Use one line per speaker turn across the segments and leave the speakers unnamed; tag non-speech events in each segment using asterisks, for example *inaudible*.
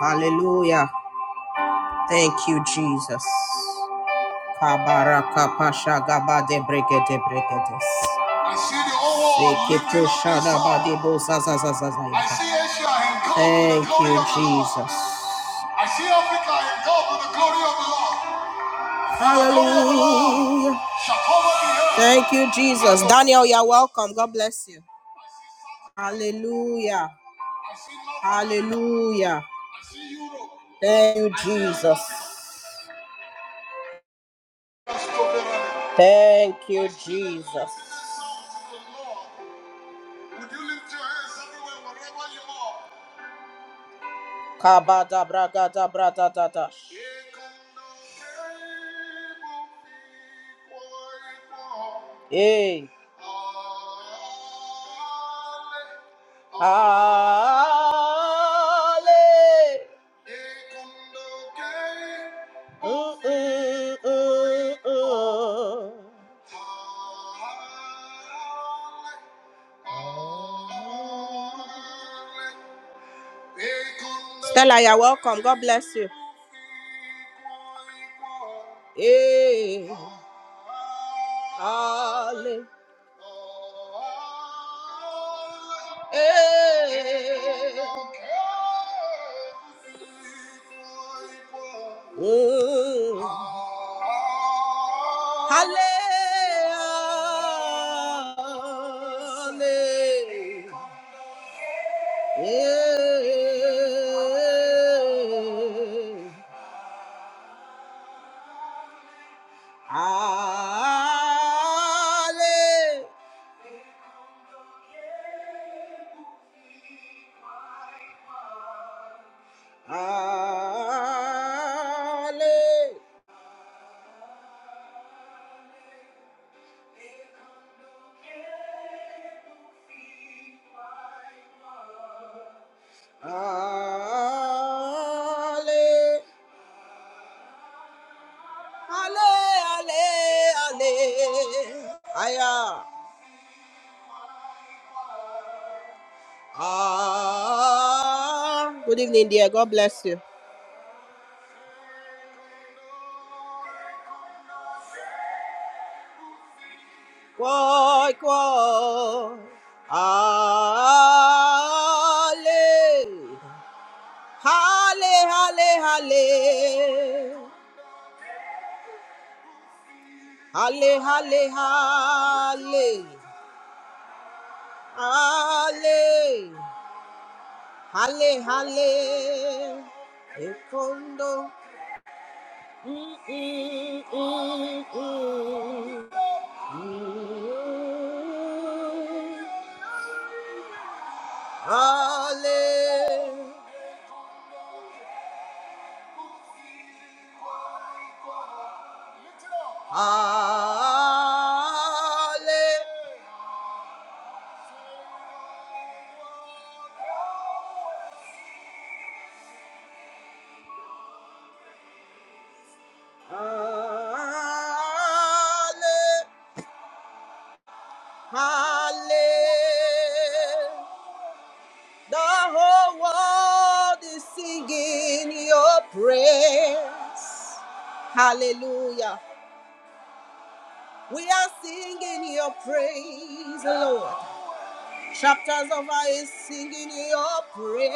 Hallelujah. Thank you, Jesus. Kabaraka pasha gabade brekete breketes. I see the whole world I see Asia engulfed with Thank you, Jesus. I see Africa and engulfed with the glory of the Lord. Hallelujah. Thank you, Jesus. Daniel, you're welcome. God bless you. Hallelujah. Hallelujah. Thank you, Jesus. Thank you, Jesus. Kabada bragada brada dada. Hey. Ale. Mm, mm, mm, mm. Stella, you're welcome. God bless you. Hey, Ale. Hey. Mm. Ale. Ale. Yeah. Ale. Ale. Ale. Ale, ale, ale. Aya. Ah. Good evening, dear. God bless you. Koi, koi. Ale. Hale, hale, hale. Hale, hale, hale. Hale. Hale, hale. Ekondo. Hallelujah. Hallelujah. Halle, halle. The whole world is singing your praise. Hallelujah. We are singing your praise, Lord. Chapters of I is singing your praise.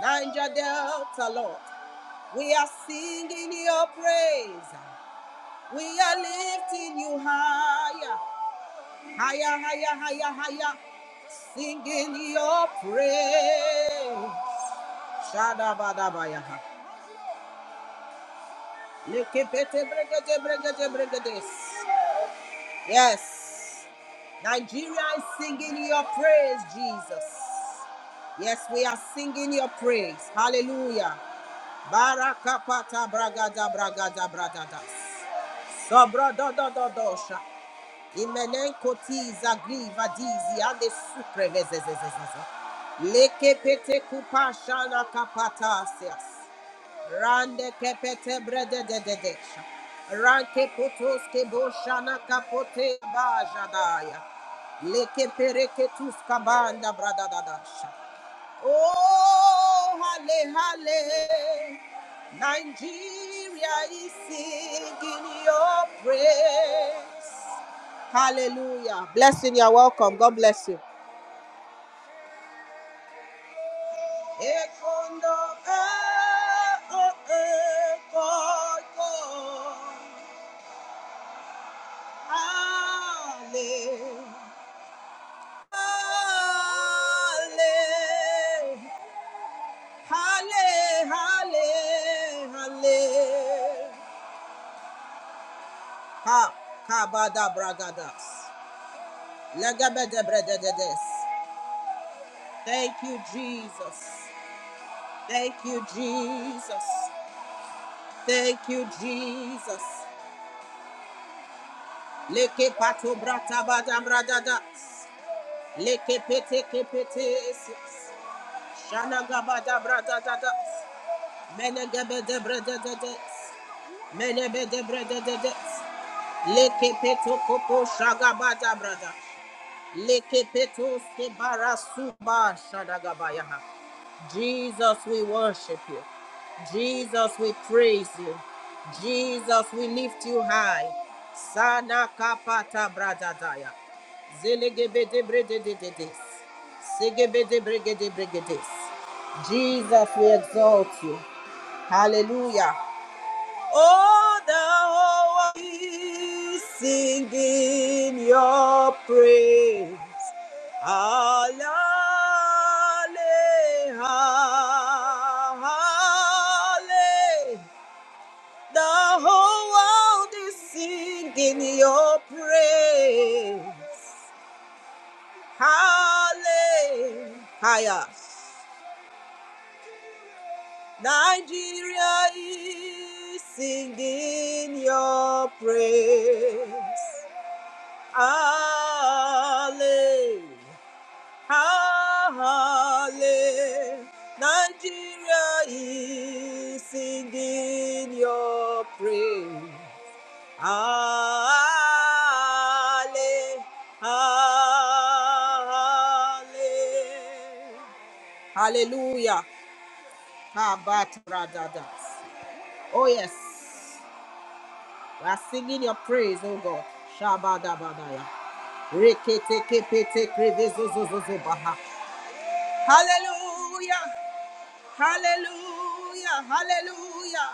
Niger Delta, Lord. We are singing your praise. We are lifting you higher, higher, higher, higher, higher. Singing your praise. Shadabadabayaha. Lekepete bregete bregete bregetes. Yes. Nigeria is singing your praise, Jesus. Yes, we are singing your praise. Hallelujah. Barakapata bragada bragada bragadas. Sobrododododosha. Imenenkotiza griva dizi ande sucre vezezezezeze. Leke pete kupashana kapatasias. Rande kepete brede de de de. Ranke potos ke boshana kapote bajadaya. Leke pereke tus kabanda brada da Oh, hale hale. Nigeria is singing your praise. Hallelujah. Blessing, you're welcome. God bless you. Ekondo, eh, oh, eh, God, God. Hallelujah. Hallelujah. Hallelujah. Hallelujah. Ha, kabada bragadas, Legabede brededes. Thank you, Jesus. Thank you, Jesus. Thank you, Jesus. Leke pato brata badam bradadas. Leke pete kepete. Shana gabada bradadas. Jesus, we worship you. Jesus, we praise you. Jesus, we lift you high. Sana kapata brada Zelegebede bredededes. Segebede bregededes. Jesus, we exalt you. Hallelujah. Oh, the thou art singing your praise. Hallelujah, hallelujah. The whole world is singing your praise. Hallelujah. Nigeria is singing your praise. Ale, ale, Nigeria is singing your praise. Ale, ale. Hallelujah. Kabatradadas. Oh, yes. We are singing your praise, oh God. Shabadabadaya. Hallelujah! Hallelujah! Hallelujah!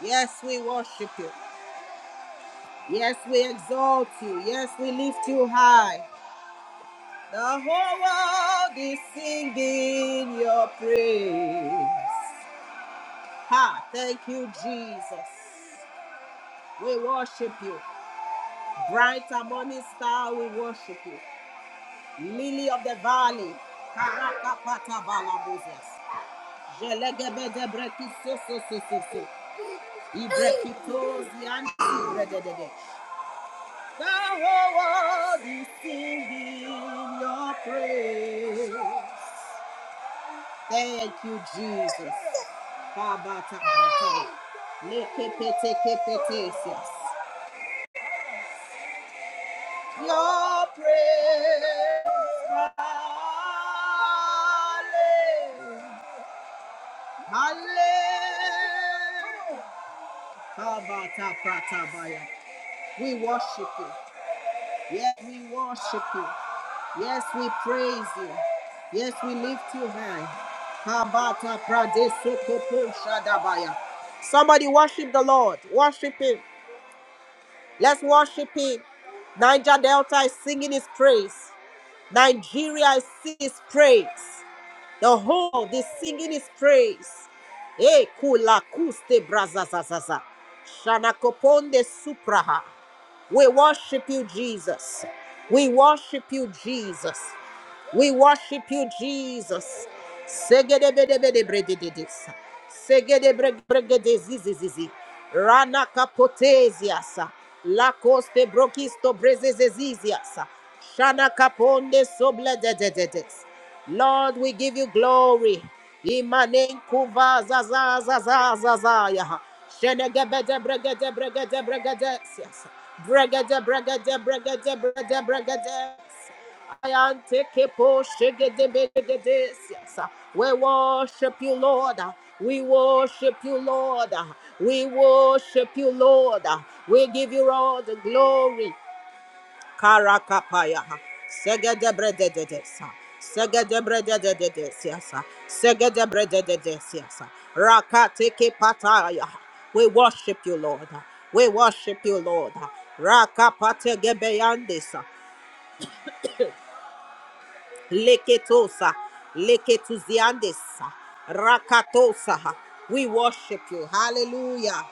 Yes, we worship you. Yes, we exalt you. Yes, we lift you high. The whole world is singing your praise. Ha! Thank you, Jesus. We worship you. Bright and morning star, we worship you. Lily of the valley. Karakapata balabuzas. so so so so so. The whole world is singing your praise. Thank you, Jesus. Kabata bata. Lekepete kepetesias. Your praise. Halle. Halle. Kabata pratabaya. We worship you. Yes, we worship you. Yes, we praise you. Yes, we lift you high. Kabata pradesokopo shadabaya. Somebody worship the Lord. Worship Him. Let's worship Him. Niger Delta is singing His praise. Nigeria is singing His praise. The whole, the singing is praise. E kula kuste brazazazaza. Shanakoponde supraha. We worship you, Jesus. We worship you, Jesus. We worship you, Jesus. Segedebedebedebredededesa. Segedebrebregedezizizizi. Rana kapoteziasa. La coste brokisto brezezeziziasa. Shana kaponde soblededededes. Lord, we give you glory. Imanen kuva zaza zaza zaza yaha. Shenegabede bregede bregede bregede siasa. Bregede bregede bregede bregede bregede. I take a portion, get the big of this. yes. We worship you, Lord. We worship you, Lord. We worship you, Lord. We give you all the glory. Karakapaya. Segedebredededesa. Segedebredededesiasa. Segedebredededesiasa. Rakateke pataya. We worship you, Lord. We worship you, Lord. Rakapate gebeyandis. Leketosa, leketuziandesa, rakatosa. We worship you. Hallelujah.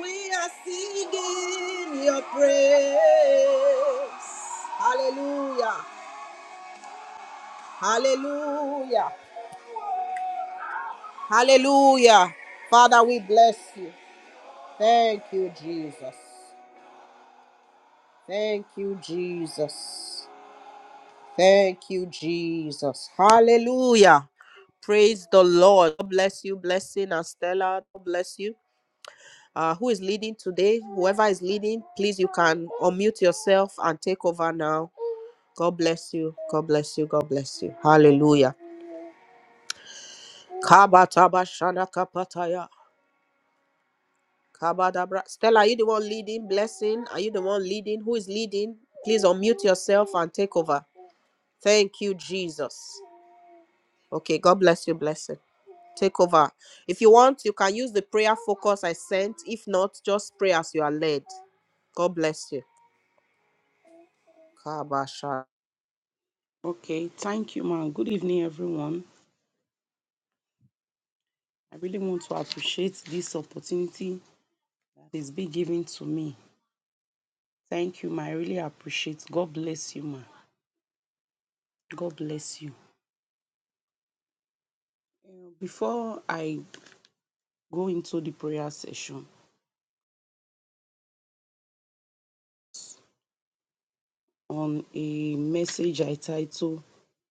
We are singing your praise. Hallelujah. Hallelujah. Hallelujah. Father, we bless you. Thank you, Jesus. Thank you, Jesus. Thank you, Jesus. Hallelujah. Praise the Lord. God Bless you, blessing and Stella. God Bless you. Uh, who is leading today? Whoever is leading, please, you can unmute yourself and take over now. God bless you. God bless you. God bless you. Hallelujah. Kabataba shana kapataya. Kabadabra. Stella, are you the one leading? Blessing, are you the one leading? Who is leading? Please unmute yourself and take over. Thank you, Jesus. Okay, God bless you. Blessing. Take over. If you want, you can use the prayer focus I sent. If not, just pray as you are led. God bless you. Kabasha.
Okay, thank you, ma'am. Good evening, everyone. I really want to appreciate this opportunity that is being given to me. Thank you, ma. I really appreciate. God bless you, ma. God bless you. Uh, Before I go into the prayer session on a message I title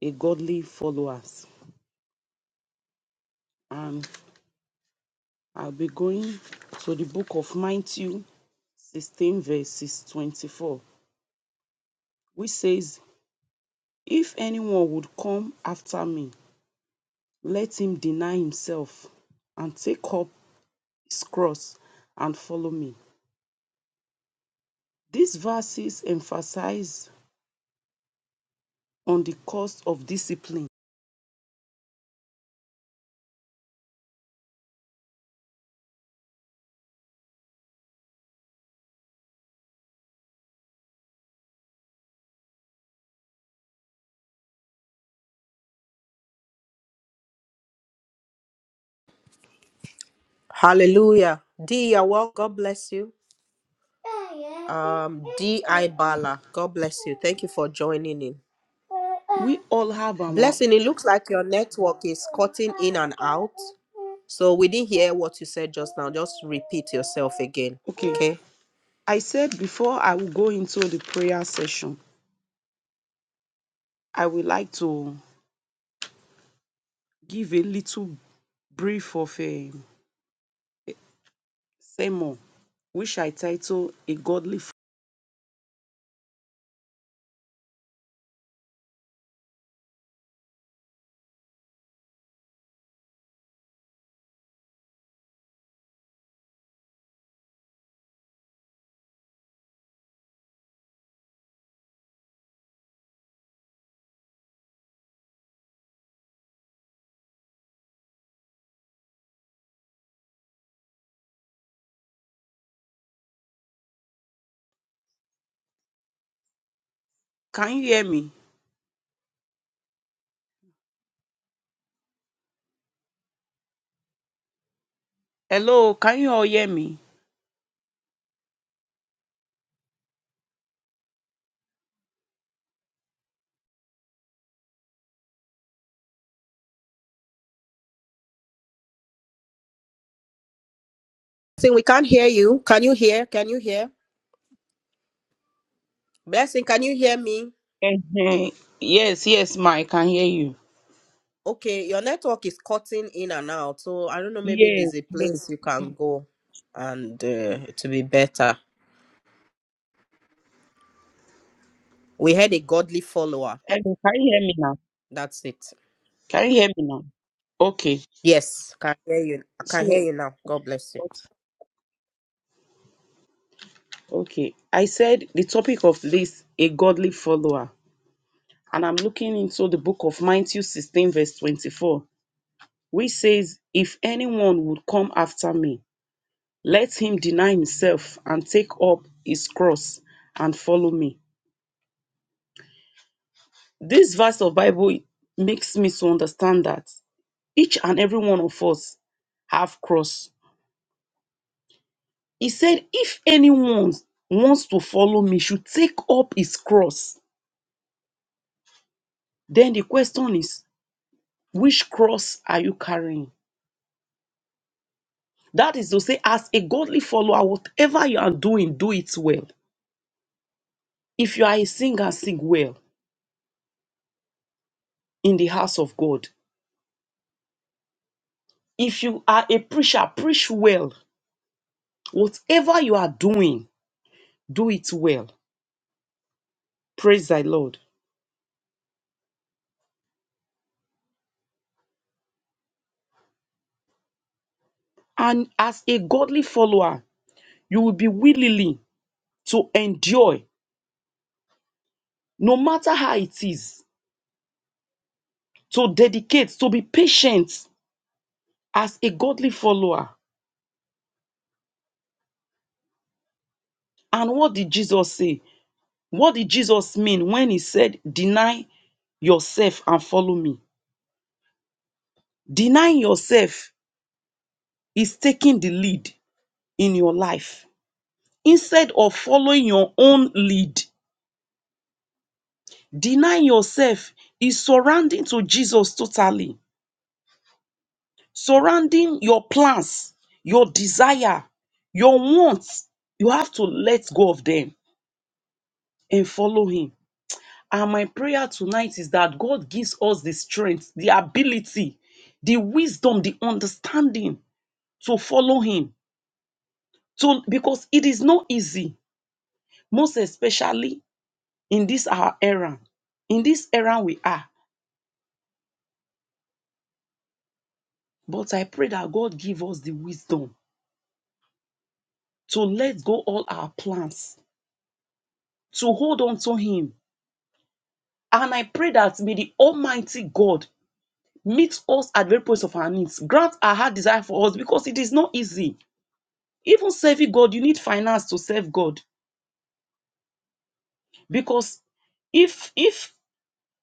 "A Godly Followers," and I'll be going to the book of Matthew 16 verses 24, which says, "If anyone would come after me." Let him deny himself and take up his cross and follow me. These verses emphasize on the cost of discipline.
Hallelujah. Dia, well, God bless you. Um, D.I. Bala, God bless you. Thank you for joining in.
We all have our.
Blessing, it looks like your network is cutting in and out. So we didn't hear what you said just now. Just repeat yourself again.
Okay,
Okay.
I said before I will go into the prayer session, I would like to give a little brief of a sermon, which I title A Godly. F- Can you hear me? Hello, can you all hear me?
Blessing, we can't hear you. Can you hear? Can you hear? Blessing, can you hear me?
Ehen. Yes, yes, Ma, I can hear you.
Okay, your network is cutting in and out. So I don't know, maybe
Yes,
there's a
yes.
place you can go and uh, to be better. We had a godly follower.
Hello, can you hear me now?
That's it.
Can you hear me now? Okay.
Yes, I can hear you. I can
So,
hear you now. God bless you.
okay. I said the topic of this, a godly follower. And I'm looking into the book of Matthew 16, verse 24, which says, If anyone would come after me, let him deny himself and take up his cross and follow me. This verse of Bible makes me to understand that each and every one of us have cross. He said, If anyone wants to follow me, should take up his cross Then the question is, which cross are you carrying? That is to say, as a godly follower, whatever you are doing, do it well. If you are a singer, sing well in the house of God. If you are a preacher, preach well. Whatever you are doing, do it well. Praise thy Lord. And as a godly follower, you will be willingly to endure, no matter how it is, to dedicate, to be patient as a godly follower. And what did Jesus say? What did Jesus mean when he said, Deny yourself and follow me? Denying yourself is taking the lead in your life. Instead of following your own lead, denying yourself is surrendering to Jesus totally, surrounding your plans, your desire, your wants. You have to let go of them and follow him. And my prayer tonight is that God gives us the strength, the ability, the wisdom, the understanding to follow Him. So, because it is not easy, most especially in this our era, in this era we are. But I pray that God give us the wisdom to let go all our plans, to hold on to Him. And I pray that may the Almighty God meet us at the very point of our needs, grant our heart desire for us, because it is not easy Even serving God, you need finance to serve God. Because if if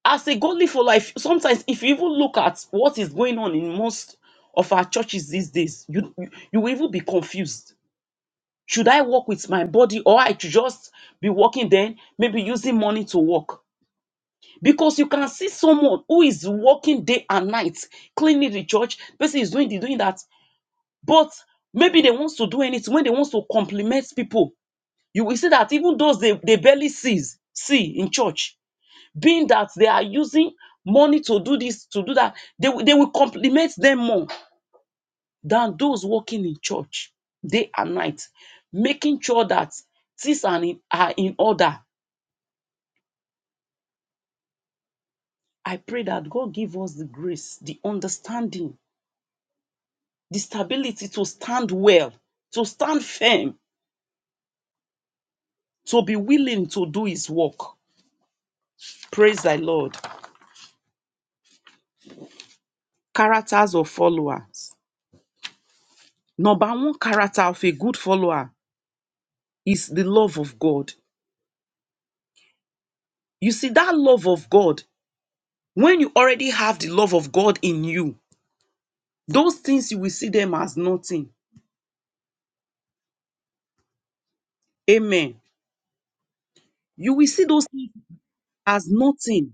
as a godly for life, sometimes if you even look at what is going on in most of our churches these days, you you, you will even be confused. Should I work with my body or I should just be working then, maybe using money to work? Because you can see someone who is working day and night, cleaning the church, person is doing the doing that, but maybe they wants to do anything when they wants to compliment people You will see that even those they, they barely sees, see in church, being that they are using money to do this, to do that, they, will- they will compliment them more than those working in church day and night, making sure that things are in, are in order. I pray that God give us the grace, the understanding, the stability to stand well, to stand firm, to be willing to do his work. Praise thy Lord. Characters of followers. Number one character of a good follower is the love of God. You see, that love of God, when you already have the love of God in you, those things you will see them as nothing. Amen. You will see those things as nothing.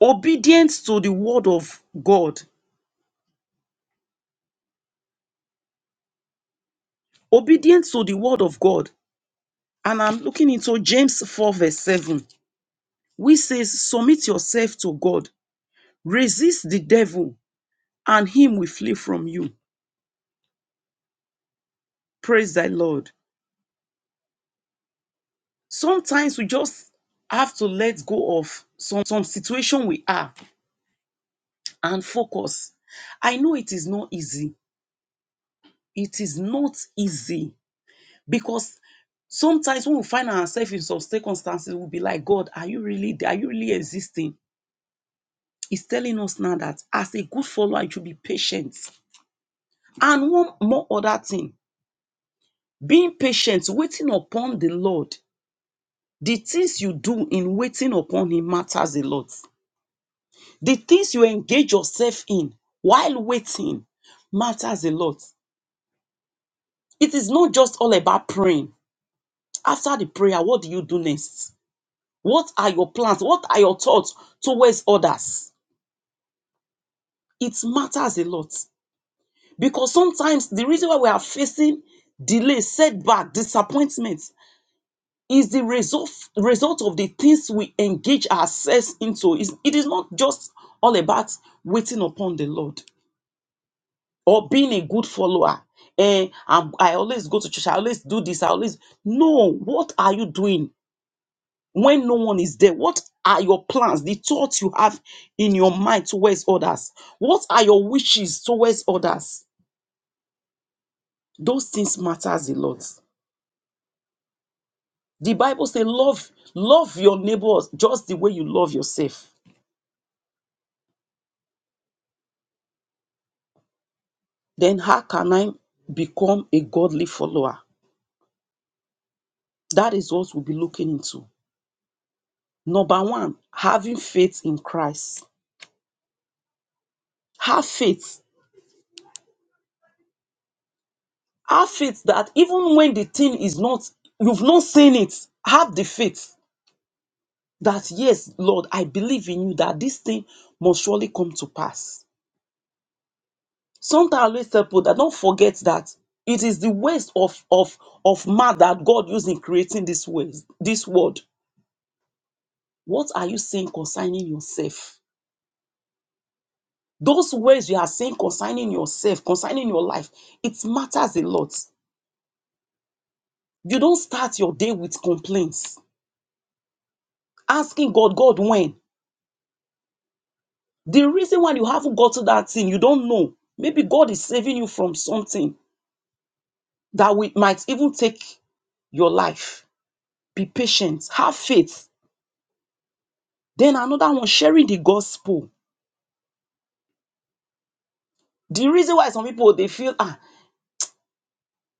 Obedience to the word of God. Obedience to the word of God. And I'm looking into James 4, verse 7, which says, Submit yourself to God, resist the devil, and him will flee from you. Praise thy Lord. Sometimes we just have to let go of some, some situation we are and focus. I know it is not easy. It is not easy because sometimes when we find ourselves in some circumstances, we'll be like, God, are you really there? Are you really existing? He's telling us now that as a good follower, you should be patient. And one more other thing, being patient, waiting upon the Lord, the things you do in waiting upon Him matters a lot. The things you engage yourself in while waiting matters a lot. It is not just all about praying. After the prayer, what do you do next? What are your plans? What are your thoughts towards others? It matters a lot because sometimes the reason why we are facing delay, setback, disappointments is the result, result of the things we engage ourselves into. It's- It is not just all about waiting upon the Lord. or being a good follower. Eh, I'm- I always go to church. I always do this. I always no. What are you doing when no one is there? What are your plans? The thoughts you have in your mind towards others. What are your wishes towards others? Those things matters a lot. The Bible says, "Love, love your neighbors just the way you love yourself." Then how can I become a godly follower? That is what we'll be looking into. Number one, having faith in Christ Have faith. Have faith that even when the thing is not, you've not seen it, have the faith that, yes, Lord, I believe in you that this thing must surely come to pass. Sometimes I always tell people that don't forget that it is the waste of, of, of man that God used in creating this, ways, this world. What are you saying concerning yourself? Those words you are saying concerning yourself, concerning your life, it matters a lot. You don't start your day with complaints, asking God, God, when? The reason why you haven't got to that thing, you don't know. Maybe God is saving you from something that we, might even take your life. Be patient, have faith. Then another one, sharing the gospel. The reason why some people they feel ah,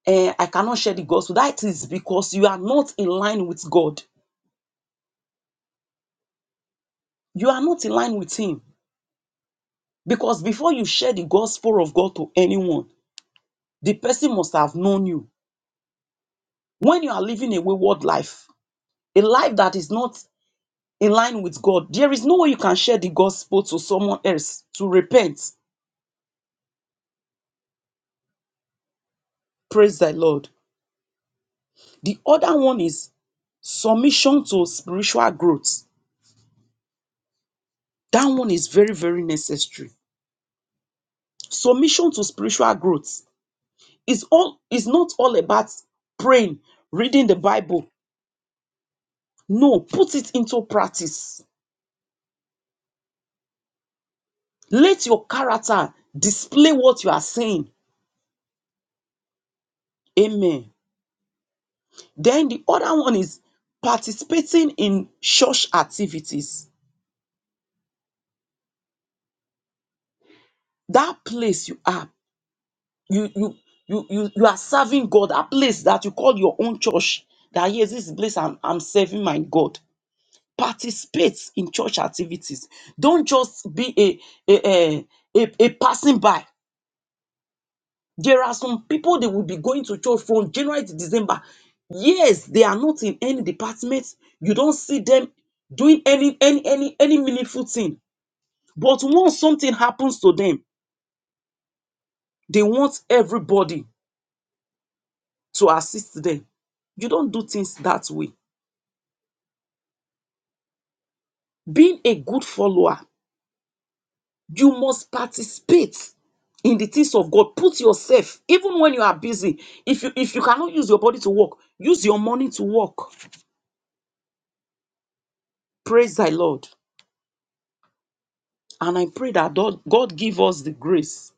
eh, I cannot share the gospel. That is because you are not in line with God. You are not in line with Him. Because before you share the gospel of God to anyone, the person must have known you. When you are living a wayward life, a life that is not in line with God. There is no way you can share the gospel to someone else to repent. Praise the Lord. The other one is submission to spiritual growth. That one is very, very necessary. Submission to spiritual growth is all is not all about praying, reading the Bible. No, put it into practice. Let your character display what you are saying. Amen. Then the other one is participating in church activities that place you are you you you you, you are serving god that place that you call your own church that yes this place I'm, I'm serving my god participate in church activities don't just be a a, a a a passing by there are some people they will be going to church from january to december yes they are not in any department you don't see them doing any any any any meaningful thing but once something happens to them they want everybody to assist them. You don't do things that way. Being a good follower, you must participate in the things of God. Put yourself, even when you are busy. If you if you cannot use your body to work, use your money to work. Praise thy Lord. And I pray that God God give us the grace,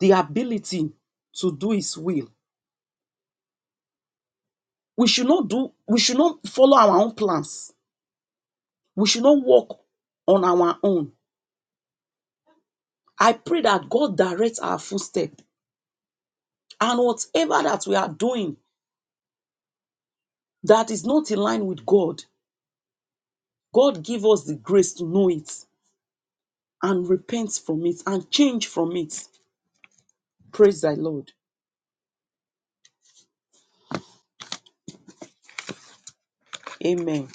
the ability to do his will. We should not do, we should not follow our own plans. We should not walk on our own. I pray that God directs our footstep And whatever that we are doing that is not in line with God, God give us the grace to know it and repent from it and change from it. Praise the Lord. Amen.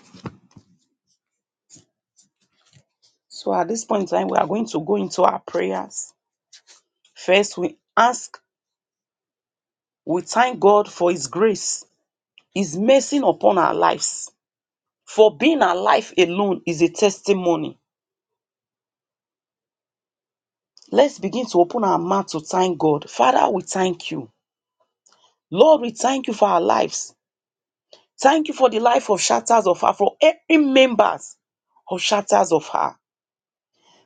So at this point in time, we are going to go into our prayers. First, we ask, we thank God for His grace, His mercy upon our lives. For being alive alone is a testimony. Let's begin to open our mouth to thank God. Father, we thank you. Lord, we thank you for our lives. Thank you for the life of Shatters of Her, for every members of Shatters of Her.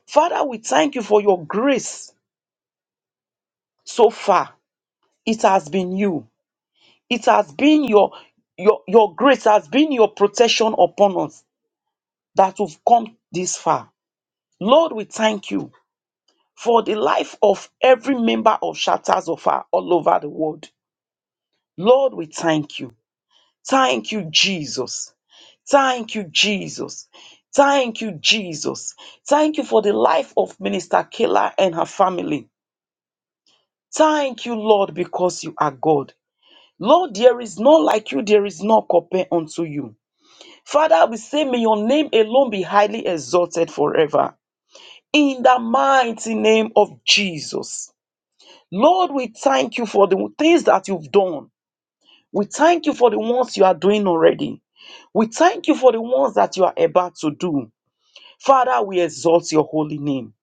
Father, we thank you for your grace so far. It has been you. It has been your your your grace has been your protection upon us that we've come this far. Lord, we thank you for the life of every member of Shatters of Her all over the world. Lord, we thank you. Thank you, Jesus. Thank you, Jesus. Thank you, Jesus. Thank you for the life of Minister Kayla and her family. Thank you, Lord, because you are God. Lord, there is none like you, there is none compare unto you. Father, we say, may your name alone be highly exalted forever. In the mighty name of Jesus. Lord, we thank you for the things that you've done. We thank you for the ones you are doing already. We thank you for the ones that you are about to do. Father, we exalt your holy name.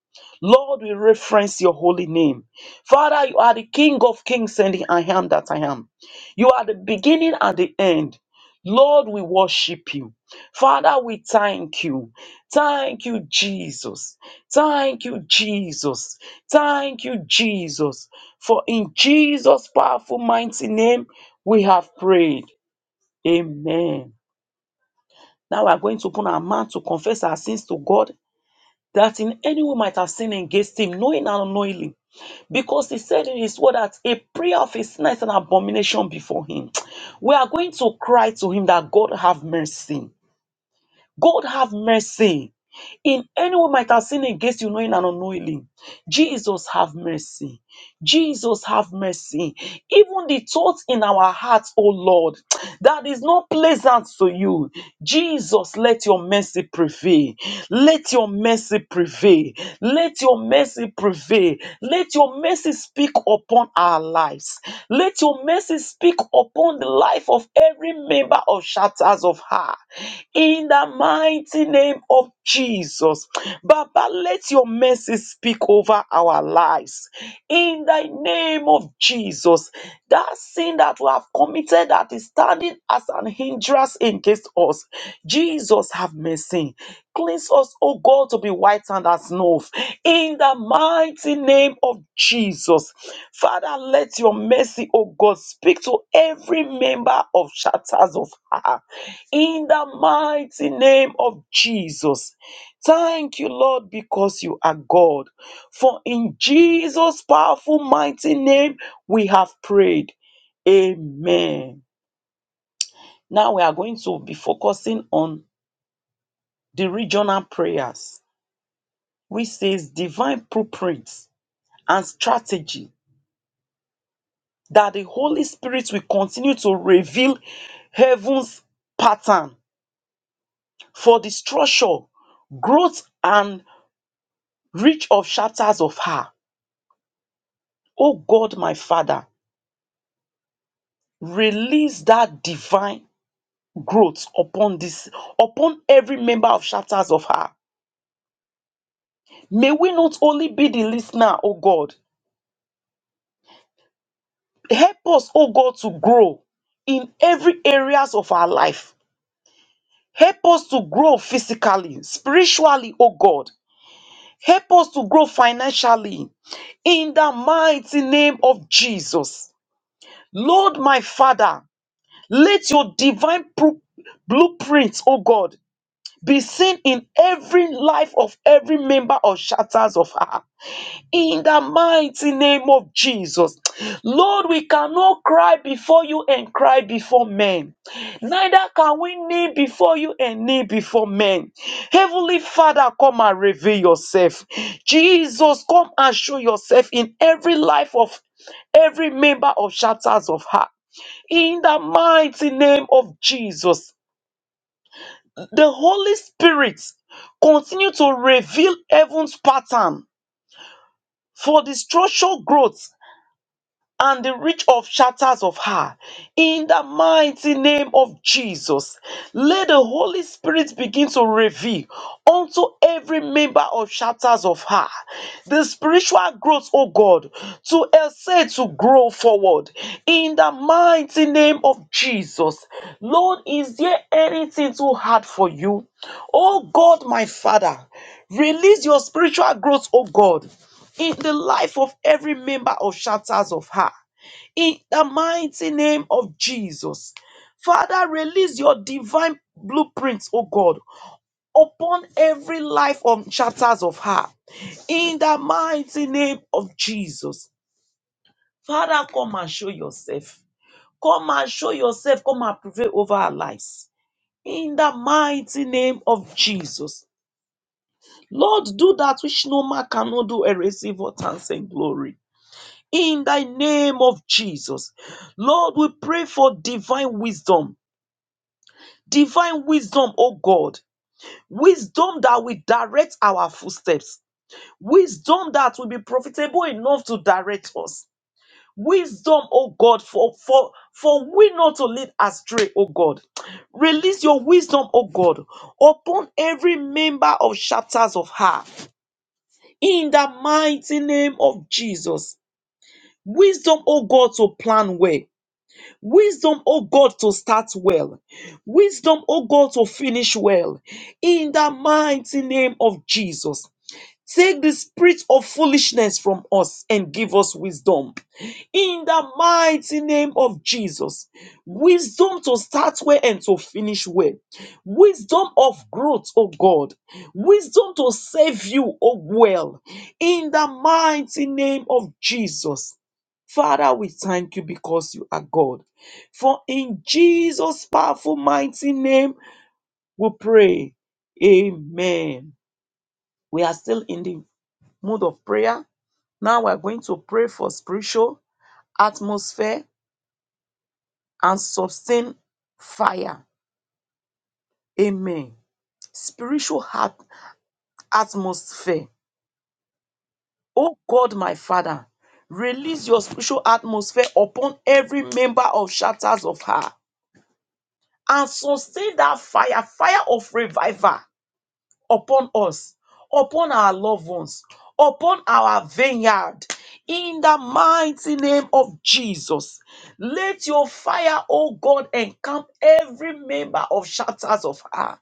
Lord, we reference your holy name. Father, you are the King of kings and the I am that I am. You are the beginning and the end. Lord, we worship you. Father, we thank you. Thank you, Jesus. Thank you, Jesus. Thank you, Jesus. For in Jesus' powerful, mighty name, we have prayed. Amen. Now we are going to open our mouth to confess our sins to God that in any way might have sinned against him, knowing and unknowingly, because he said in his word that a prayer of his sin is an abomination before him. We are going to cry to him that God have mercy. God have mercy. In any way might have sinned against you, knowing and unknowingly. Jesus have mercy. Jesus, have mercy. Even the thoughts in our hearts, oh Lord, that is not pleasant to you. Jesus, let your mercy prevail. Let your mercy prevail. Let your mercy prevail. Let your mercy speak upon our lives. Let your mercy speak upon the life of every member of Shatters of Heart. In the mighty name of Jesus. Baba, let your mercy disease speak over our lives. In the name of Jesus, that sin that we have committed that is standing as an hindrance against us, Jesus have mercy. Cleanse us, O God, to be white and as snow. In the mighty name of Jesus, Father, let your mercy, O God, speak to every member of Shatters of her. In the mighty name of Jesus. Thank you, Lord, because you are God. For in Jesus' powerful, mighty name, we have prayed. Amen. Now we are going to be focusing on the regional prayers, which says divine blueprints and strategy that the Holy Spirit will continue to reveal heaven's pattern for the structure, growth, and reach of shatters of her. Oh God, my Father, Release that divine growth upon this, upon every member of chapters of her. May we not only be the listener, oh God. Help us, oh God, to grow in every areas of our life. Help us to grow physically, spiritually, oh God. Help us to grow financially in the mighty name of Jesus. Lord, my Father, let your divine pro- blueprint, oh God, be seen in every life of every member or shatters of her. In the mighty name of Jesus. Lord, we cannot cry before you and cry before men. Neither can we kneel before you and kneel before men. Heavenly Father, come and reveal yourself. Jesus, come and show yourself in every life of every member of shatters of her. In the mighty name of Jesus. The Holy Spirit continues to reveal heaven's pattern for the structural growth and the reach of shatters of her. In the mighty name of Jesus, let the Holy Spirit begin to reveal unto every member of shatters of her the spiritual growth, oh God, to essay to grow forward. In the mighty name of Jesus, Lord, is there anything too hard for you? Oh God, my Father, release your spiritual growth, oh God in the life of every member of Shatters of Her. In the mighty name of Jesus. Father, release your divine blueprints, oh God, upon every life of Shatters of Her. In the mighty name of Jesus. Father, come and show yourself. Come and show yourself. Come and prevail over our lives. In the mighty name of Jesus. Lord, do that which no man cannot do, and erasing what and glory. in the name of Jesus. Lord, we pray for divine wisdom, divine wisdom, oh God, wisdom that will direct our footsteps, wisdom that will be profitable enough to direct us. Wisdom, oh God, for for for we not to lead astray, oh God. Release your wisdom, oh God, upon every member of chapters of her. In the mighty name of Jesus. Wisdom, oh God, to plan well Wisdom, oh God, to start well. Wisdom, oh God, to finish well. In the mighty name of Jesus. Take the spirit of foolishness from us and give us wisdom. In the mighty name of Jesus, wisdom to start well and to finish well, wisdom of growth, oh God, wisdom to save you, oh well. In the mighty name of Jesus. Father, we thank you because you are God. For in Jesus' powerful, mighty name, we pray. Amen. We are still in the mode of prayer. Now we're going to pray for spiritual atmosphere and sustain fire. Amen. Spiritual heart atmosphere. Oh God, my Father, release your spiritual atmosphere upon every member of Shatters of Her and sustain that fire, fire of revival upon us, upon our loved ones, upon our vineyard. In the mighty name of Jesus, let your fire, O God, encamp every member of Shatters of Her.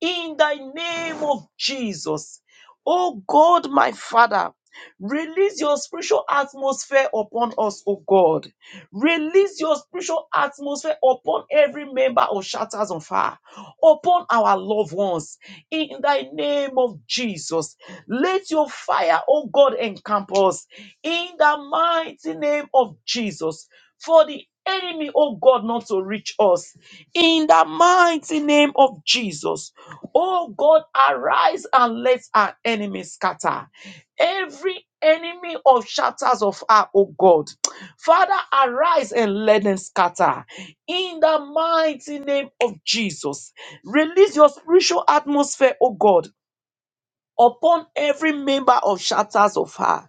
In the name of Jesus, O God, my Father, release your spiritual atmosphere upon us, O God. Release your spiritual atmosphere upon every member of Shatters on Fire, upon our loved ones. In the name of Jesus, let your fire, oh God, encamp us. In the mighty name of Jesus, for the enemy, oh God, not to reach us. In the mighty name of Jesus, oh God, arise and let our enemies scatter. Every enemy of Shatters of Fire, oh God. Father, arise and let them scatter. In the mighty name of Jesus, release your spiritual atmosphere, O God, upon every member of Shatters of Her.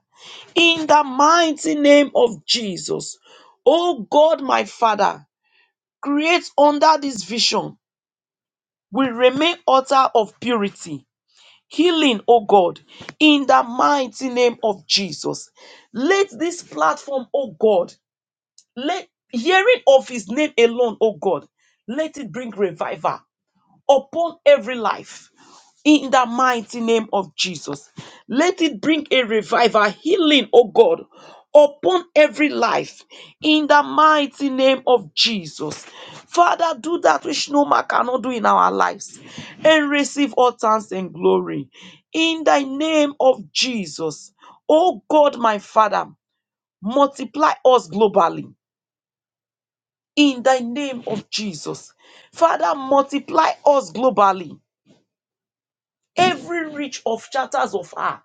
In the mighty name of Jesus, O God, my Father, create under this vision, we remain altar of purity. Healing, O God, in the mighty name of Jesus. Let this platform, O God, Let hearing of his name alone, oh God, let it bring revival upon every life in the mighty name of Jesus. Let it bring a revival, healing, oh God, upon every life in the mighty name of Jesus. Father, do that which no man cannot do in our lives and receive all thanks and glory in the name of Jesus. Oh God, my Father, multiply us globally in the name of Jesus. Father, multiply us globally. Every reach of chapters of her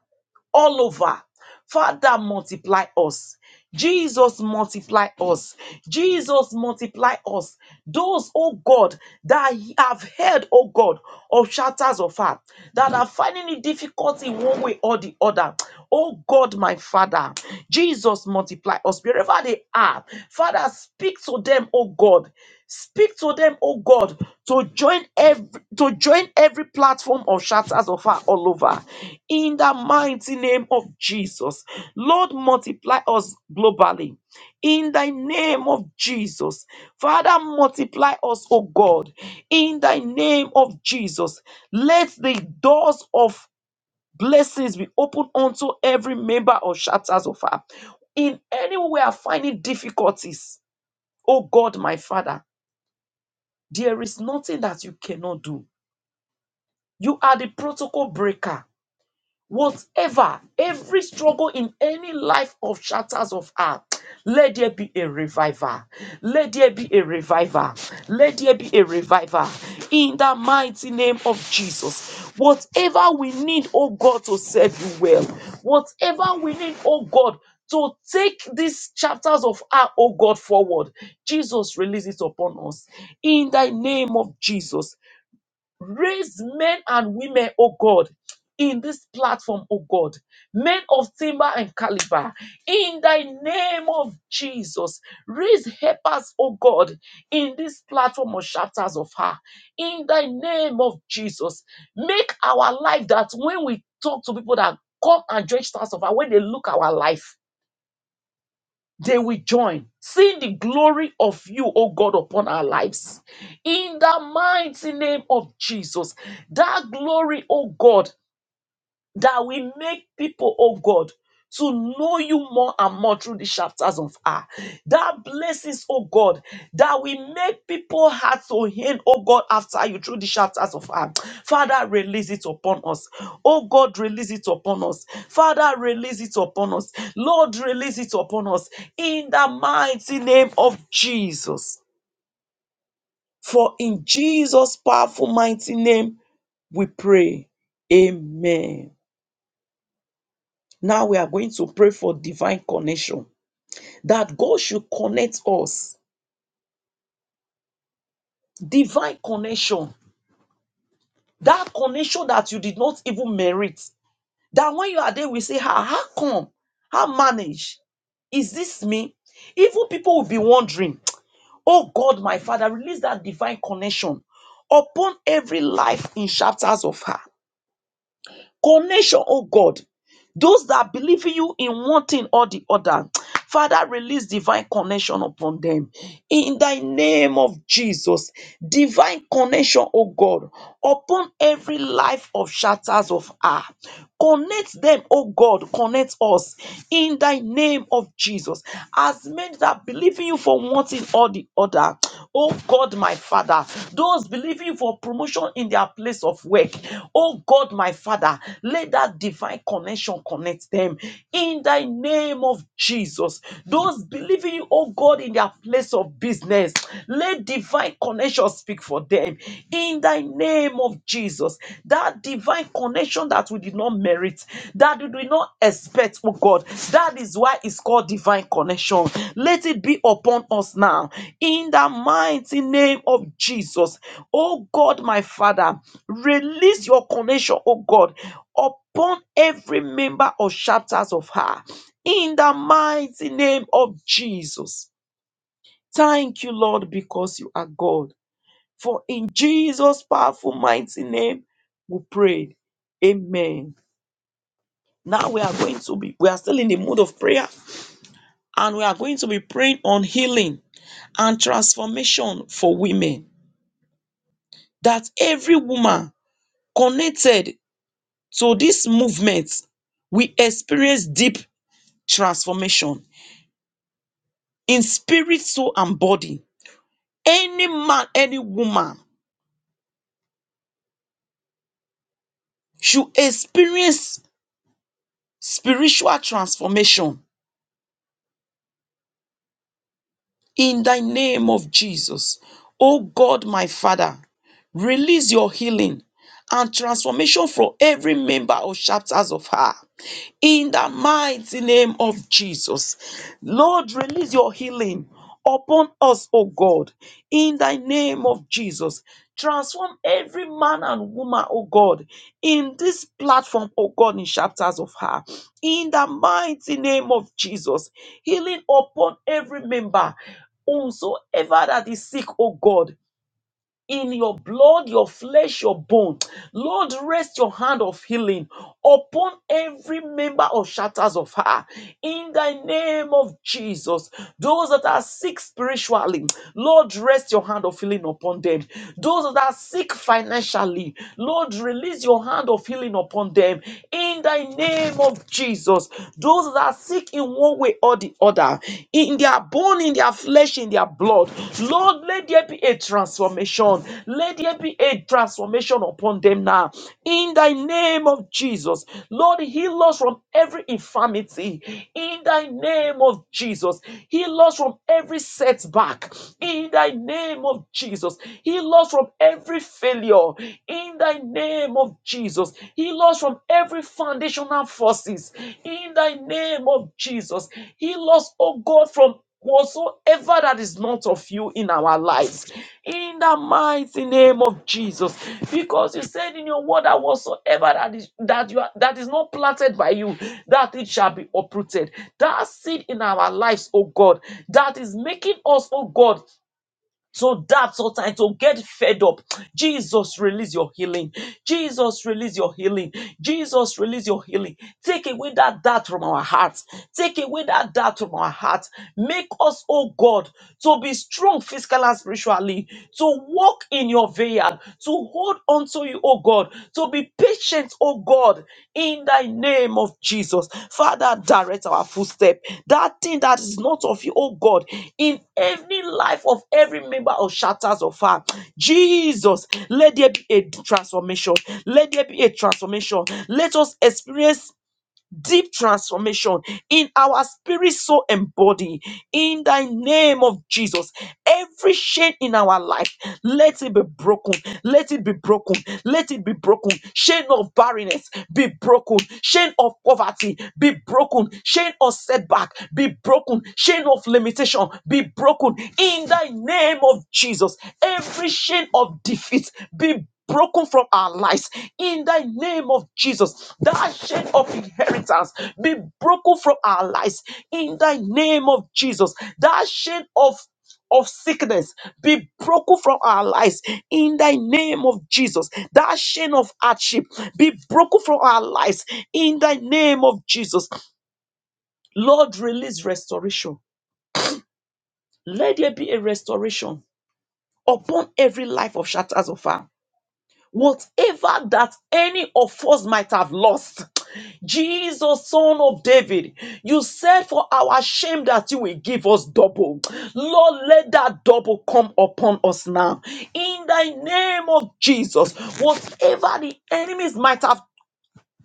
all over. Father, multiply us. Jesus, multiply us. Jesus, multiply us. Those, oh God, that have heard, oh God, of shatters of heart, that are finding it difficult in one way or the other. Oh God, my Father, Jesus, multiply us wherever they are. Father, speak to them, oh God. Speak to them, oh God, to join every to join every platform of shatters of her all over. In the mighty name of Jesus. Lord, multiply us globally. In thy name of Jesus. Father, multiply us, oh God. In thy name of Jesus. Let the doors of blessings be opened unto every member of shatters of her. In any way we are finding difficulties, oh God, my Father. There is nothing that you cannot do. You are the protocol breaker. Whatever, every struggle in any life of shatters of earth, let there be a revival. Let there be a revival. Let there be a revival. In the mighty name of Jesus. Whatever we need, oh God, to serve you well. Whatever we need, oh God, to take these chapters of our, oh God, forward. Jesus, release it upon us. In the name of Jesus. Raise men and women, oh God, in this platform, oh God, men of timber and caliber, in thy name of Jesus, raise helpers, oh God, in this platform of chapters of her, in thy name of Jesus, make our life that when we talk to people that come and join stars of her, when they look our life, they will join, seeing the glory of you, O God, upon our lives. In the mighty name of Jesus, that glory, O God that will make people, oh God, to know you more and more through the chapters of her. That blessings, oh God, that will make people heart to hint, oh God, after you through the chapters of her. Father, release it upon us. Oh God, release it upon us. Father, release it upon us. Lord, release it upon us. In the mighty name of Jesus. For in Jesus' powerful, mighty name, we pray. Amen. Now we are going to pray for divine connection. That God should connect us. Divine connection. That connection that you did not even merit. That when you are there, we say, how, how come? How manage? Is this me? Even people will be wondering, oh God, my Father, release that divine connection upon every life in chapters of her. Connection, oh God. Those that believe in you in one thing or the other, Father, release divine connection upon them. In thy name of Jesus, divine connection, oh God, upon every life of shatters of earth. Connect them, oh God, connect us in thy name of Jesus. As men that believe in you for one thing or the other, Father. Oh God, my Father. Those believing for promotion in their place of work. Oh God, my Father. Let that divine connection connect them in the name of Jesus. Those believing, oh God, in their place of business. Let divine connection speak for them in the name of Jesus. That divine connection that we did not merit, that we did not expect, oh God. That is why it's called divine connection. Let it be upon us now. In the mighty name of Jesus, oh God, my Father, release your connection, oh God, upon every member of chapters of her. In the mighty name of Jesus. Thank you, Lord, because you are God. For in Jesus' powerful, mighty name, we prayed. Amen. Now we are going to be, we are still in the mood of prayer and we are going to be praying on healing and transformation for women. That every woman connected to this movement will experience deep transformation in spirit, soul, and body. Any man, any woman should experience spiritual transformation in the name of Jesus. Oh God, my Father, release your healing and transformation for every member of chapters of her in the mighty name of Jesus. Lord, release your healing upon us, O God, in the name of Jesus. Transform every man and woman, O God, in this platform, O God, in chapters of her, in the mighty name of Jesus. Healing upon every member whomsoever that is sick, O God, in your blood, your flesh, your bone. Lord, rest your hand of healing upon every member of shatters of her. In the name of Jesus, those that are sick spiritually, Lord, rest your hand of healing upon them. Those that are sick financially, Lord, release your hand of healing upon them. In the name of Jesus, those that are sick in one way or the before the other in their bone, in their flesh, in their blood. Lord, let there be a transformation. Let there be a transformation upon them now. In thy name of Jesus, Lord, heal us from every infirmity. In thy name of Jesus, heal us from every setback. In thy name of Jesus, heal us from every failure. In thy name of Jesus. Jesus. Heal us from every foundational forces in the name of Jesus. Heal us, oh God, from whatsoever that is not of you in our lives. In the mighty name of Jesus. Because you said in your word that whatsoever that is that you are, that is not planted by you, that it shall be uprooted. That seed in our lives, oh God, that is making us, oh God. So that's what I don't get fed up. Jesus, release your healing. Jesus, release your healing. Jesus, release your healing. Take away that doubt from our hearts. Take away that doubt from our hearts. Make us, oh God, to be strong physically and spiritually, to walk in your vineyard, to hold on to to you, O God, to be patient, O God, in Thy name of Jesus. Father, direct our footstep. That thing that is not of you, O God, in every life of every member of shatters of her. Jesus, let there be a transformation. Let there be a transformation. Let us experience deep transformation in our spirit, soul, and body. In the name of Jesus, every chain in our life, let it be broken. Let it be broken. Let it be broken. Chain of barrenness be broken. Chain of poverty be broken. Chain of setback be broken. Chain of limitation be broken. In the name of Jesus, every chain of defeat be broken from our lives in the name of Jesus. That chain of inheritance be broken from our lives in the name of Jesus. That chain of of sickness be broken from our lives in the name of Jesus. That chain of hardship be broken from our lives in the name of Jesus. Lord, release restoration. Let there be a restoration upon every life of shatters of Whatever that any of us might have lost, Jesus, son of David, you said for our shame that you will give us double. Lord, let that double come upon us now. In the name of Jesus, whatever the enemies might have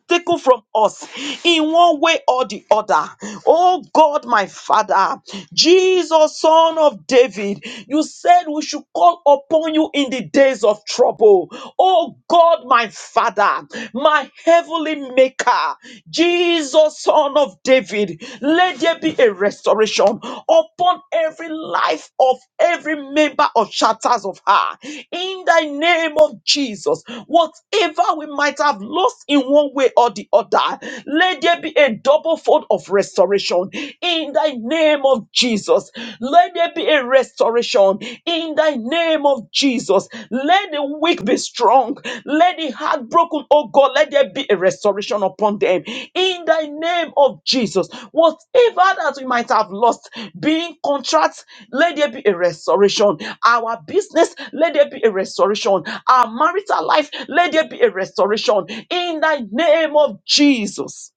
taken from us in one way or the other. Oh God, my Father, Jesus, Son of David, you said we should call upon you in the days of trouble. Oh God, my Father, my heavenly Maker, Jesus, Son of David, let there be a restoration upon every life of every member of Shatters of Her. In the name of Jesus, whatever we might have lost in one way or the other, let there be a double fold of restoration. In the name of Jesus, let there be a restoration. In the name of Jesus, let the the weak be strong. Let the heartbroken, oh God, let there be a restoration upon them. In the name of Jesus, whatever that we might have lost, being contracts, let there be a restoration. Our business, let there be a restoration. Our marital life, let there be a restoration. In the name of Jesus.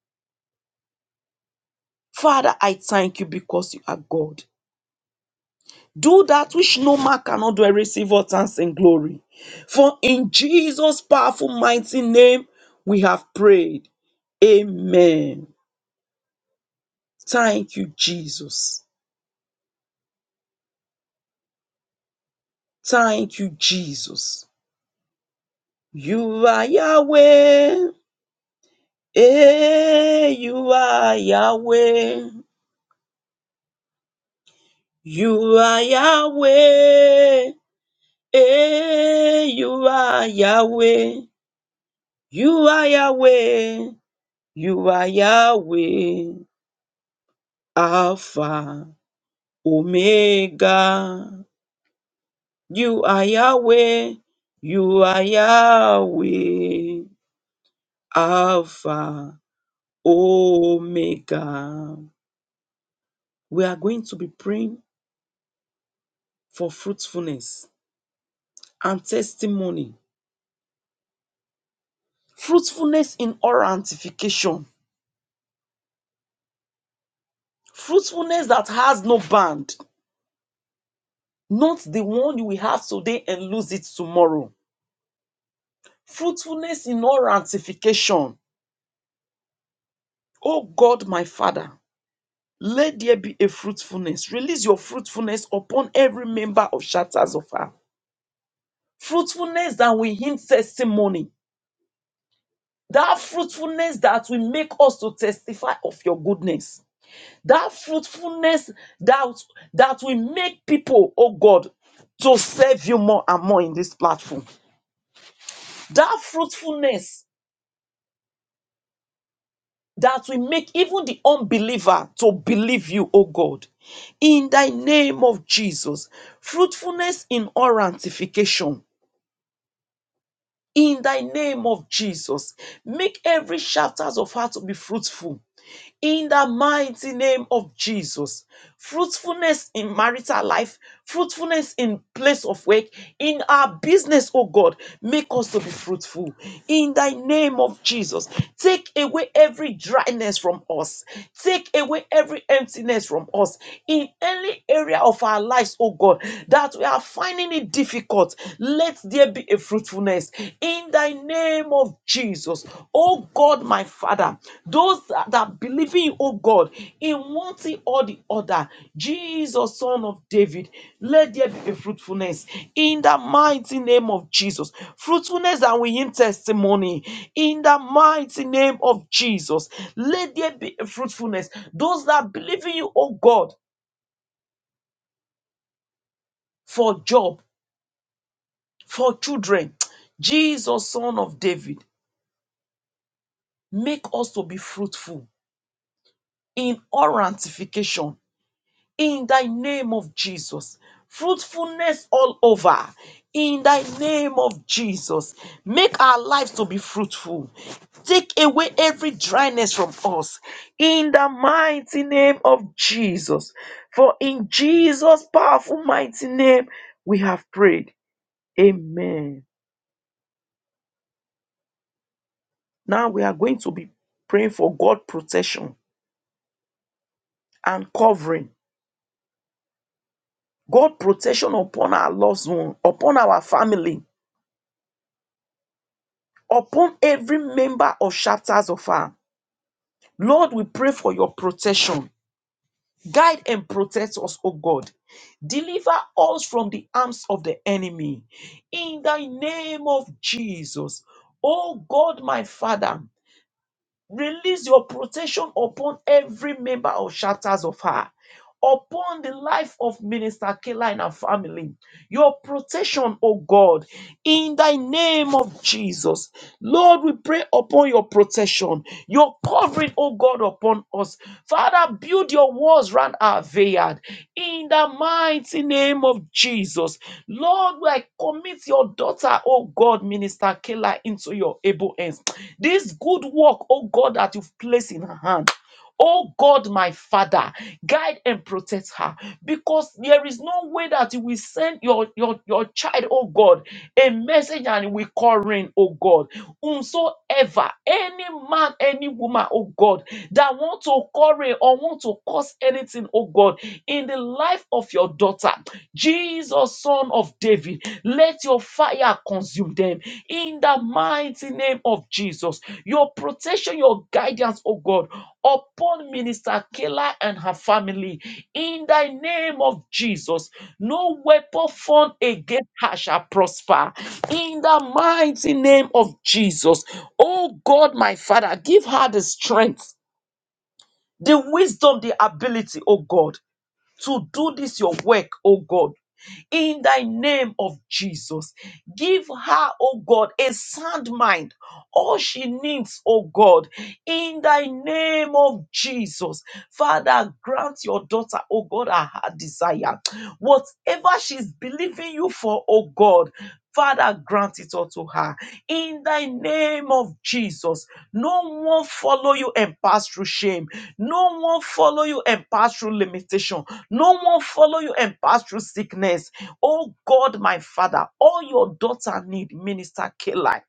Father, I thank you because you are God. Do that which no man cannot do and receive all thanks and glory. For in Jesus' powerful, mighty name, we have prayed. Amen. Thank you, Jesus. Thank you, Jesus. You are Yahweh. Eh. you are Yahweh. You are Yahweh. Eh. you are Yahweh. You are Yahweh. You are Yahweh. Alpha, Omega, you are Yahweh, you are Yahweh, Alpha, Omega. We are going to be praying for fruitfulness and testimony. Fruitfulness in all antification. Fruitfulness that has no band. Not the one you will have today and lose it tomorrow. Fruitfulness in all ramification. Oh God, my Father. Let there be a fruitfulness. Release your fruitfulness upon every member of Shatters of Earth. Fruitfulness that will hint testimony. That fruitfulness that will make us to testify of your goodness. That fruitfulness that, that will make people, oh God, to serve you more and more in this platform. That fruitfulness that will make even the unbeliever to believe you, O God. In thy name of Jesus, fruitfulness in all ramification in thy name of Jesus. Make every chapters of her to be fruitful in the mighty name of Jesus. Fruitfulness in marital life, fruitfulness in place of work, in our business, oh God, make us to be fruitful. In thy name of Jesus, take away every dryness from us, take away every emptiness from us in any area of our lives, oh God, that we are finding it difficult. Let there be a fruitfulness Fruitfulness in thy name of Jesus, oh God, my Father, those that that believe in, you, oh God, in one thing or the other, Jesus, Son of David, let there be a fruitfulness in the mighty name of Jesus, fruitfulness that we in testimony in the mighty name of Jesus, let there be a fruitfulness. Those that believe in you, oh God, for job, for children, *tsk* Jesus, Son of David, make us to be fruitful in orantification in thy name of Jesus. Fruitfulness all over in thy name of Jesus. Make our lives to be fruitful. Take away every dryness from us in the mighty name of Jesus. For in Jesus' powerful mighty name we have prayed. Amen. Now we are going to be praying for God protection and covering God protection upon our loved one, upon our family, upon every member of chapters of our. Lord, we pray for your protection. Guide and protect us, O God. Deliver us from the arms of the enemy. In the name of Jesus. O God, my Father, release your protection upon every member of chapters of her, upon the life of Minister Kayla and her family, your protection, oh God, in thy name of Jesus. Lord, we pray upon your protection, your covering, oh God, upon us. Father, build your walls round our vineyard in the mighty name of Jesus. Lord, I commit your daughter, oh God, Minister Kela, into your able hands. This good work, oh God, that you've placed in her hand. Oh God, my Father, guide and protect her because there is no way that you will send your, your, your child, oh God, a message and it will call rain, oh God. Whomsoever, any man, any woman, oh God, that want to call rain or want to cause anything, oh God, in the life of your daughter. Jesus, son of David, let your fire consume them in the mighty name of Jesus. Your protection, your guidance, oh God, upon Minister Kayla and her family in the name of Jesus. No weapon formed against her shall prosper in the mighty name of Jesus. Oh God, my Father, give her the strength the wisdom, the ability, oh God, to do this your work, oh God. In thy name of Jesus, give her, oh God, a sound mind, all she needs, oh God. In thy name of Jesus, Father, grant your daughter, oh God, her heart desire. Whatever she's believing you for, oh God, Father, grant it unto her. In the name of Jesus, no one follow you and pass through shame. No one follow you and pass through limitation. No one follow you and pass through sickness. Oh God, my Father, all your daughter need, Minister Kayla,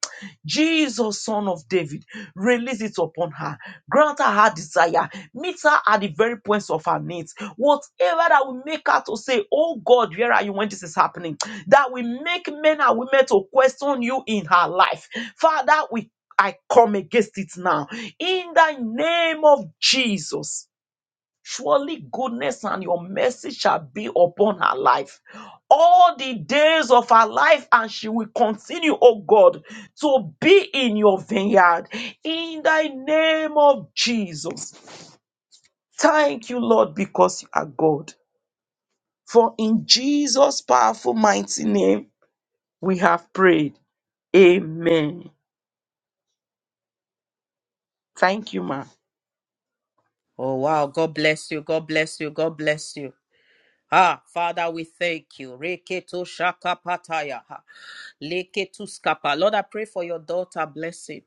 Jesus, son of David, release it upon her. Grant her her desire. Meet her at the very points of her needs. Whatever that will make her to say, Oh God, where are you when this is happening? that will make men and women to question you in her life. Father, we I come against it now. In the name of Jesus, surely goodness and your mercy shall be upon her life all the days of her life, and she will continue, oh God, to be in your vineyard. In the name of Jesus. Thank you, Lord, because you are God. For in Jesus' powerful, mighty name, we have prayed. Amen. Thank you, ma.
Oh wow, God bless you. God bless you. God bless you. Ah, Father, we thank you. Reketo shakapataya. ha. Leketo skapa. Lord, I pray for your daughter blessing.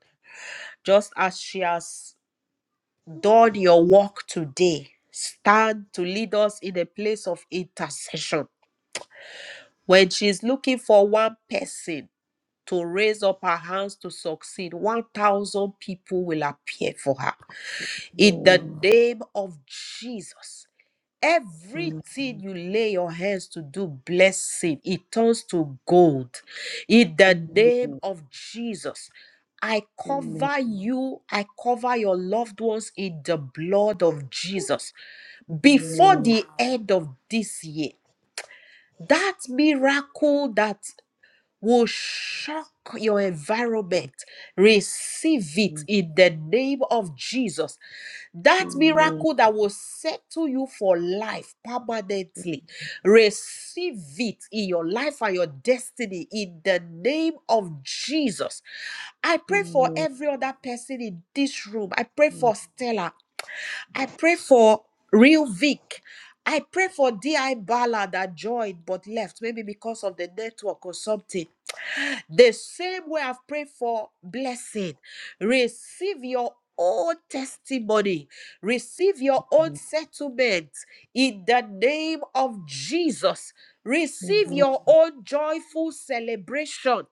Just as she has done your work today, stand to lead us in a place of intercession. When she's looking for one person, to raise up her hands to succeed, 1,000 people will appear for her. In the
Amen.
name of Jesus, everything you lay your hands to do, blessing, it turns to gold. In the name
Amen.
of Jesus, I
Amen.
cover you, I cover your loved ones in the blood of Jesus. Before
Amen.
the end of this year, that miracle that will shock your environment. Receive it in the name of Jesus. That miracle that will settle you for life permanently. Receive it in your life and your destiny in the name of Jesus. I pray for
Amen.
every other person in this room. I pray
Amen.
for Stella. I pray for Real Vic. I pray for D.I. Bala that joined but left, maybe because of the network or something. The same way I've prayed for blessing, receive your own testimony, receive your own settlement in the name of Jesus. Receive
Amen.
your own joyful celebration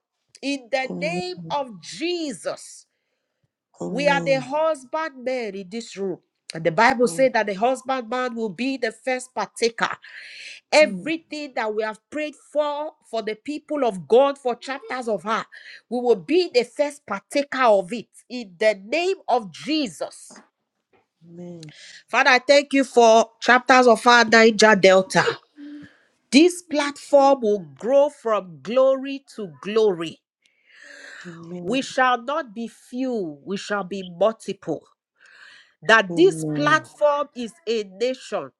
in the
Amen.
name of Jesus.
Amen. Amen. Amen. Amen. Amen.
We are the husbandmen in this room. And the Bible says that the husbandman will be the first partaker. Everything that we have prayed for, for the people of God, for chapters of her, we will be the first partaker of it in the name of Jesus. Father, I thank you for chapters of our Niger Delta. This platform will grow from glory to glory. We shall not be few, we shall be multiple. That this platform is a nation,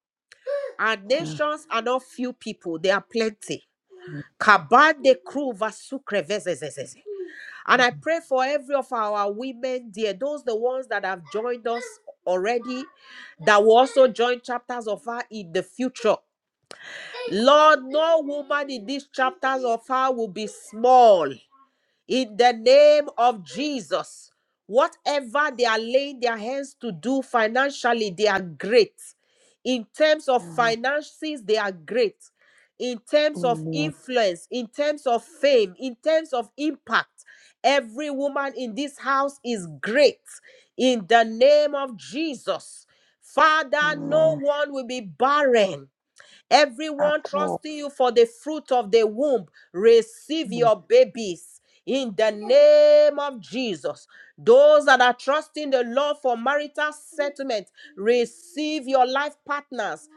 and nations are not few people, they are plenty Kabande kruva sukre And I pray for every of our women, dear, those the ones that have joined us already, that will also join chapters of her in the future. Lord, no woman in these chapters of her will be small in the name of Jesus. Whatever they are laying their hands to do financially, they are great. In terms of finances, they are great. In
Amen. Amen.
terms of
Amen.
influence, in terms of fame, in terms of impact, every woman in this house is great. In the name of Jesus. Father, no
Amen.
one will be barren Everyone
Apple.
trusting you for the fruit of the womb, receive
Amen.
your babies. In the name of Jesus, those that are trusting the Lord for marital settlement, receive your life partners,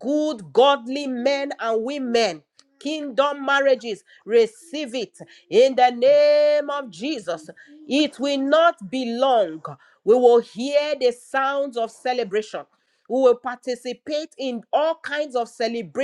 good, godly men and women. Kingdom marriages, receive it in the name of Jesus. It will not be long. We will hear the sounds of celebration. We will participate in all kinds of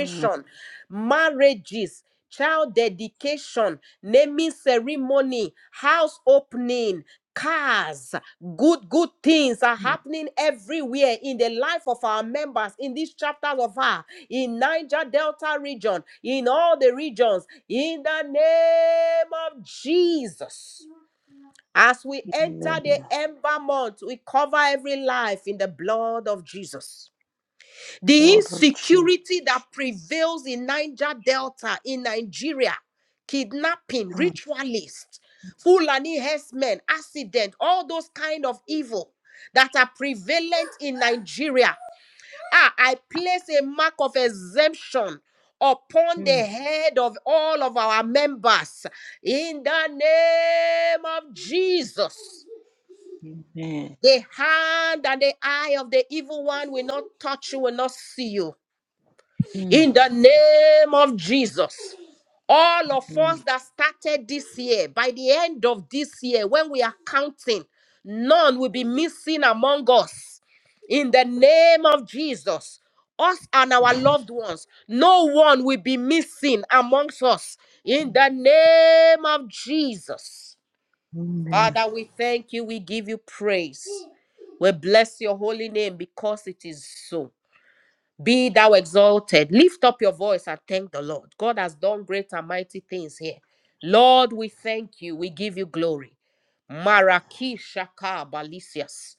Amen.
marriages, child dedication, naming ceremony, house opening cars good good things are happening everywhere in the life of our members in these chapters of her in niger delta region in all the regions in the name of jesus as we enter the ember month we cover every life in the blood of jesus the
Lord of Jesus.
insecurity that prevails in Niger Delta, in Nigeria, kidnapping,
Amen.
ritualists, Fulani herdsmen, accident, all those kind of evil that are prevalent in Nigeria. Ah, I place a mark of exemption upon the head of all of our members in the name of Jesus.
Amen.
The hand and the eye of the evil one will not touch you, will not see you
Amen.
in the name of Jesus. All of us that started this year, by the end of this year, when we are counting, none will be missing among us. In the name of Jesus, us and our loved ones, no one will be missing amongst us. In the name of Jesus.
Amen.
Father, we thank you. We give you praise. We bless your holy name because it is so. Be thou exalted. Lift up your voice and thank the Lord. God has done great and mighty things here. Lord, we thank you. We give you glory. Maraki Shaka Balisias.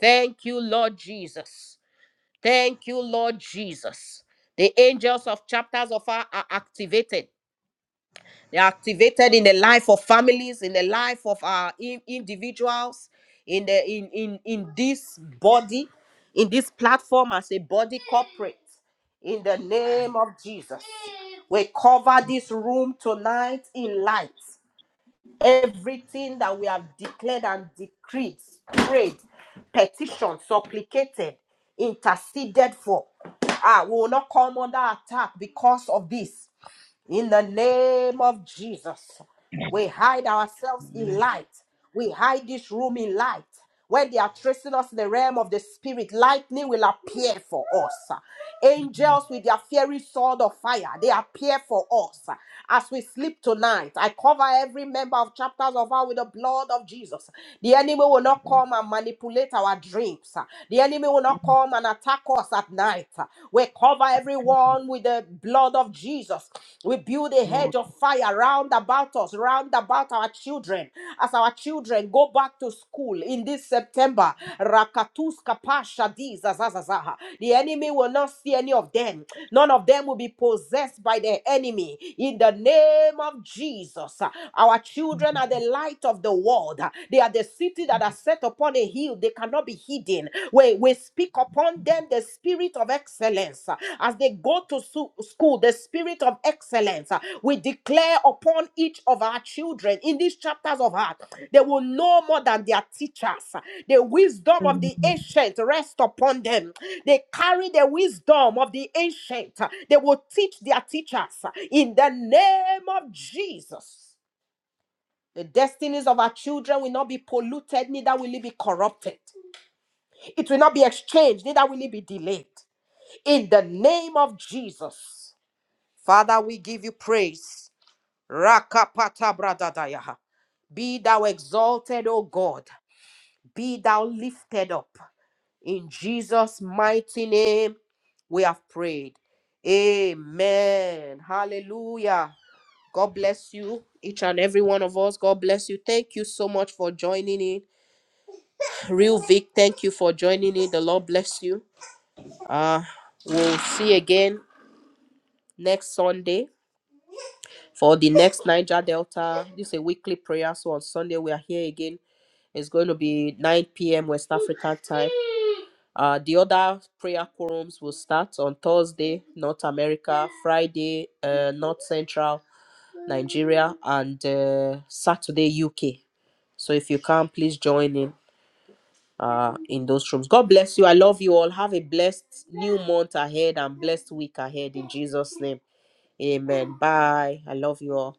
Thank you, Lord Jesus. Thank you, Lord Jesus. The angels of chapters of our are activated they're activated in the life of families, in the life of our in- individuals, in the in in in this body, in this platform as a body corporate. In the name of Jesus, we cover this room tonight in light. Everything that we have declared and decreed, prayed, petitioned, supplicated, interceded for, ah, we will not come under attack because of this. In the name of Jesus, we hide ourselves in light. We hide this room in light. When they are tracing us in the realm of the spirit, lightning will appear for us. Angels with their fiery sword of fire, they appear for us. As we sleep tonight, I cover every member of chapters of our with the blood of Jesus. The enemy will not come and manipulate our dreams. The enemy will not come and attack us at night that night. We cover everyone with the blood of Jesus. We build a
Amen.
hedge of fire round about us, round about our children, as our children go back to school in this September. Rakatus kapasha di zazazazaha. The enemy will not see any of them. None of them will be possessed by the enemy. In the name of Jesus, our children are the light of the world. They are the city that are set set upon a hill, they cannot be hidden. We, we speak upon them the spirit of excellence. As they go to su- school, the spirit of excellence. We declare upon each of our children in these chapters of heart, they will know more than their teachers. The wisdom of the
Amen.
ancient rest upon them. They carry the wisdom of the ancient. They will teach their teachers in the name of Jesus. The destinies of our children will not be polluted, neither will it be corrupted. It will not be exchanged, neither will it be delayed. In the name of Jesus, Father, we give you praise. Rakapata bradadaya. Be thou exalted, O God. Be thou lifted up. In Jesus' mighty name, we have prayed. Amen. Hallelujah. God bless you, each and every one of us. God bless you. Thank you so much for joining in. Real Vic, thank you for joining me. The Lord bless you. Uh, we'll see you again next Sunday for the next Niger Delta. This is a weekly prayer. So on Sunday, we are here again. It's going to be 9 p.m. West African time. Uh, the other prayer quorums will start on Thursday, North America, Friday, uh, North Central Nigeria, and uh, Saturday, UK. So if you can, please join in uh in those rooms god bless you i love you all have a blessed new month ahead and blessed week ahead in jesus name amen bye i love you all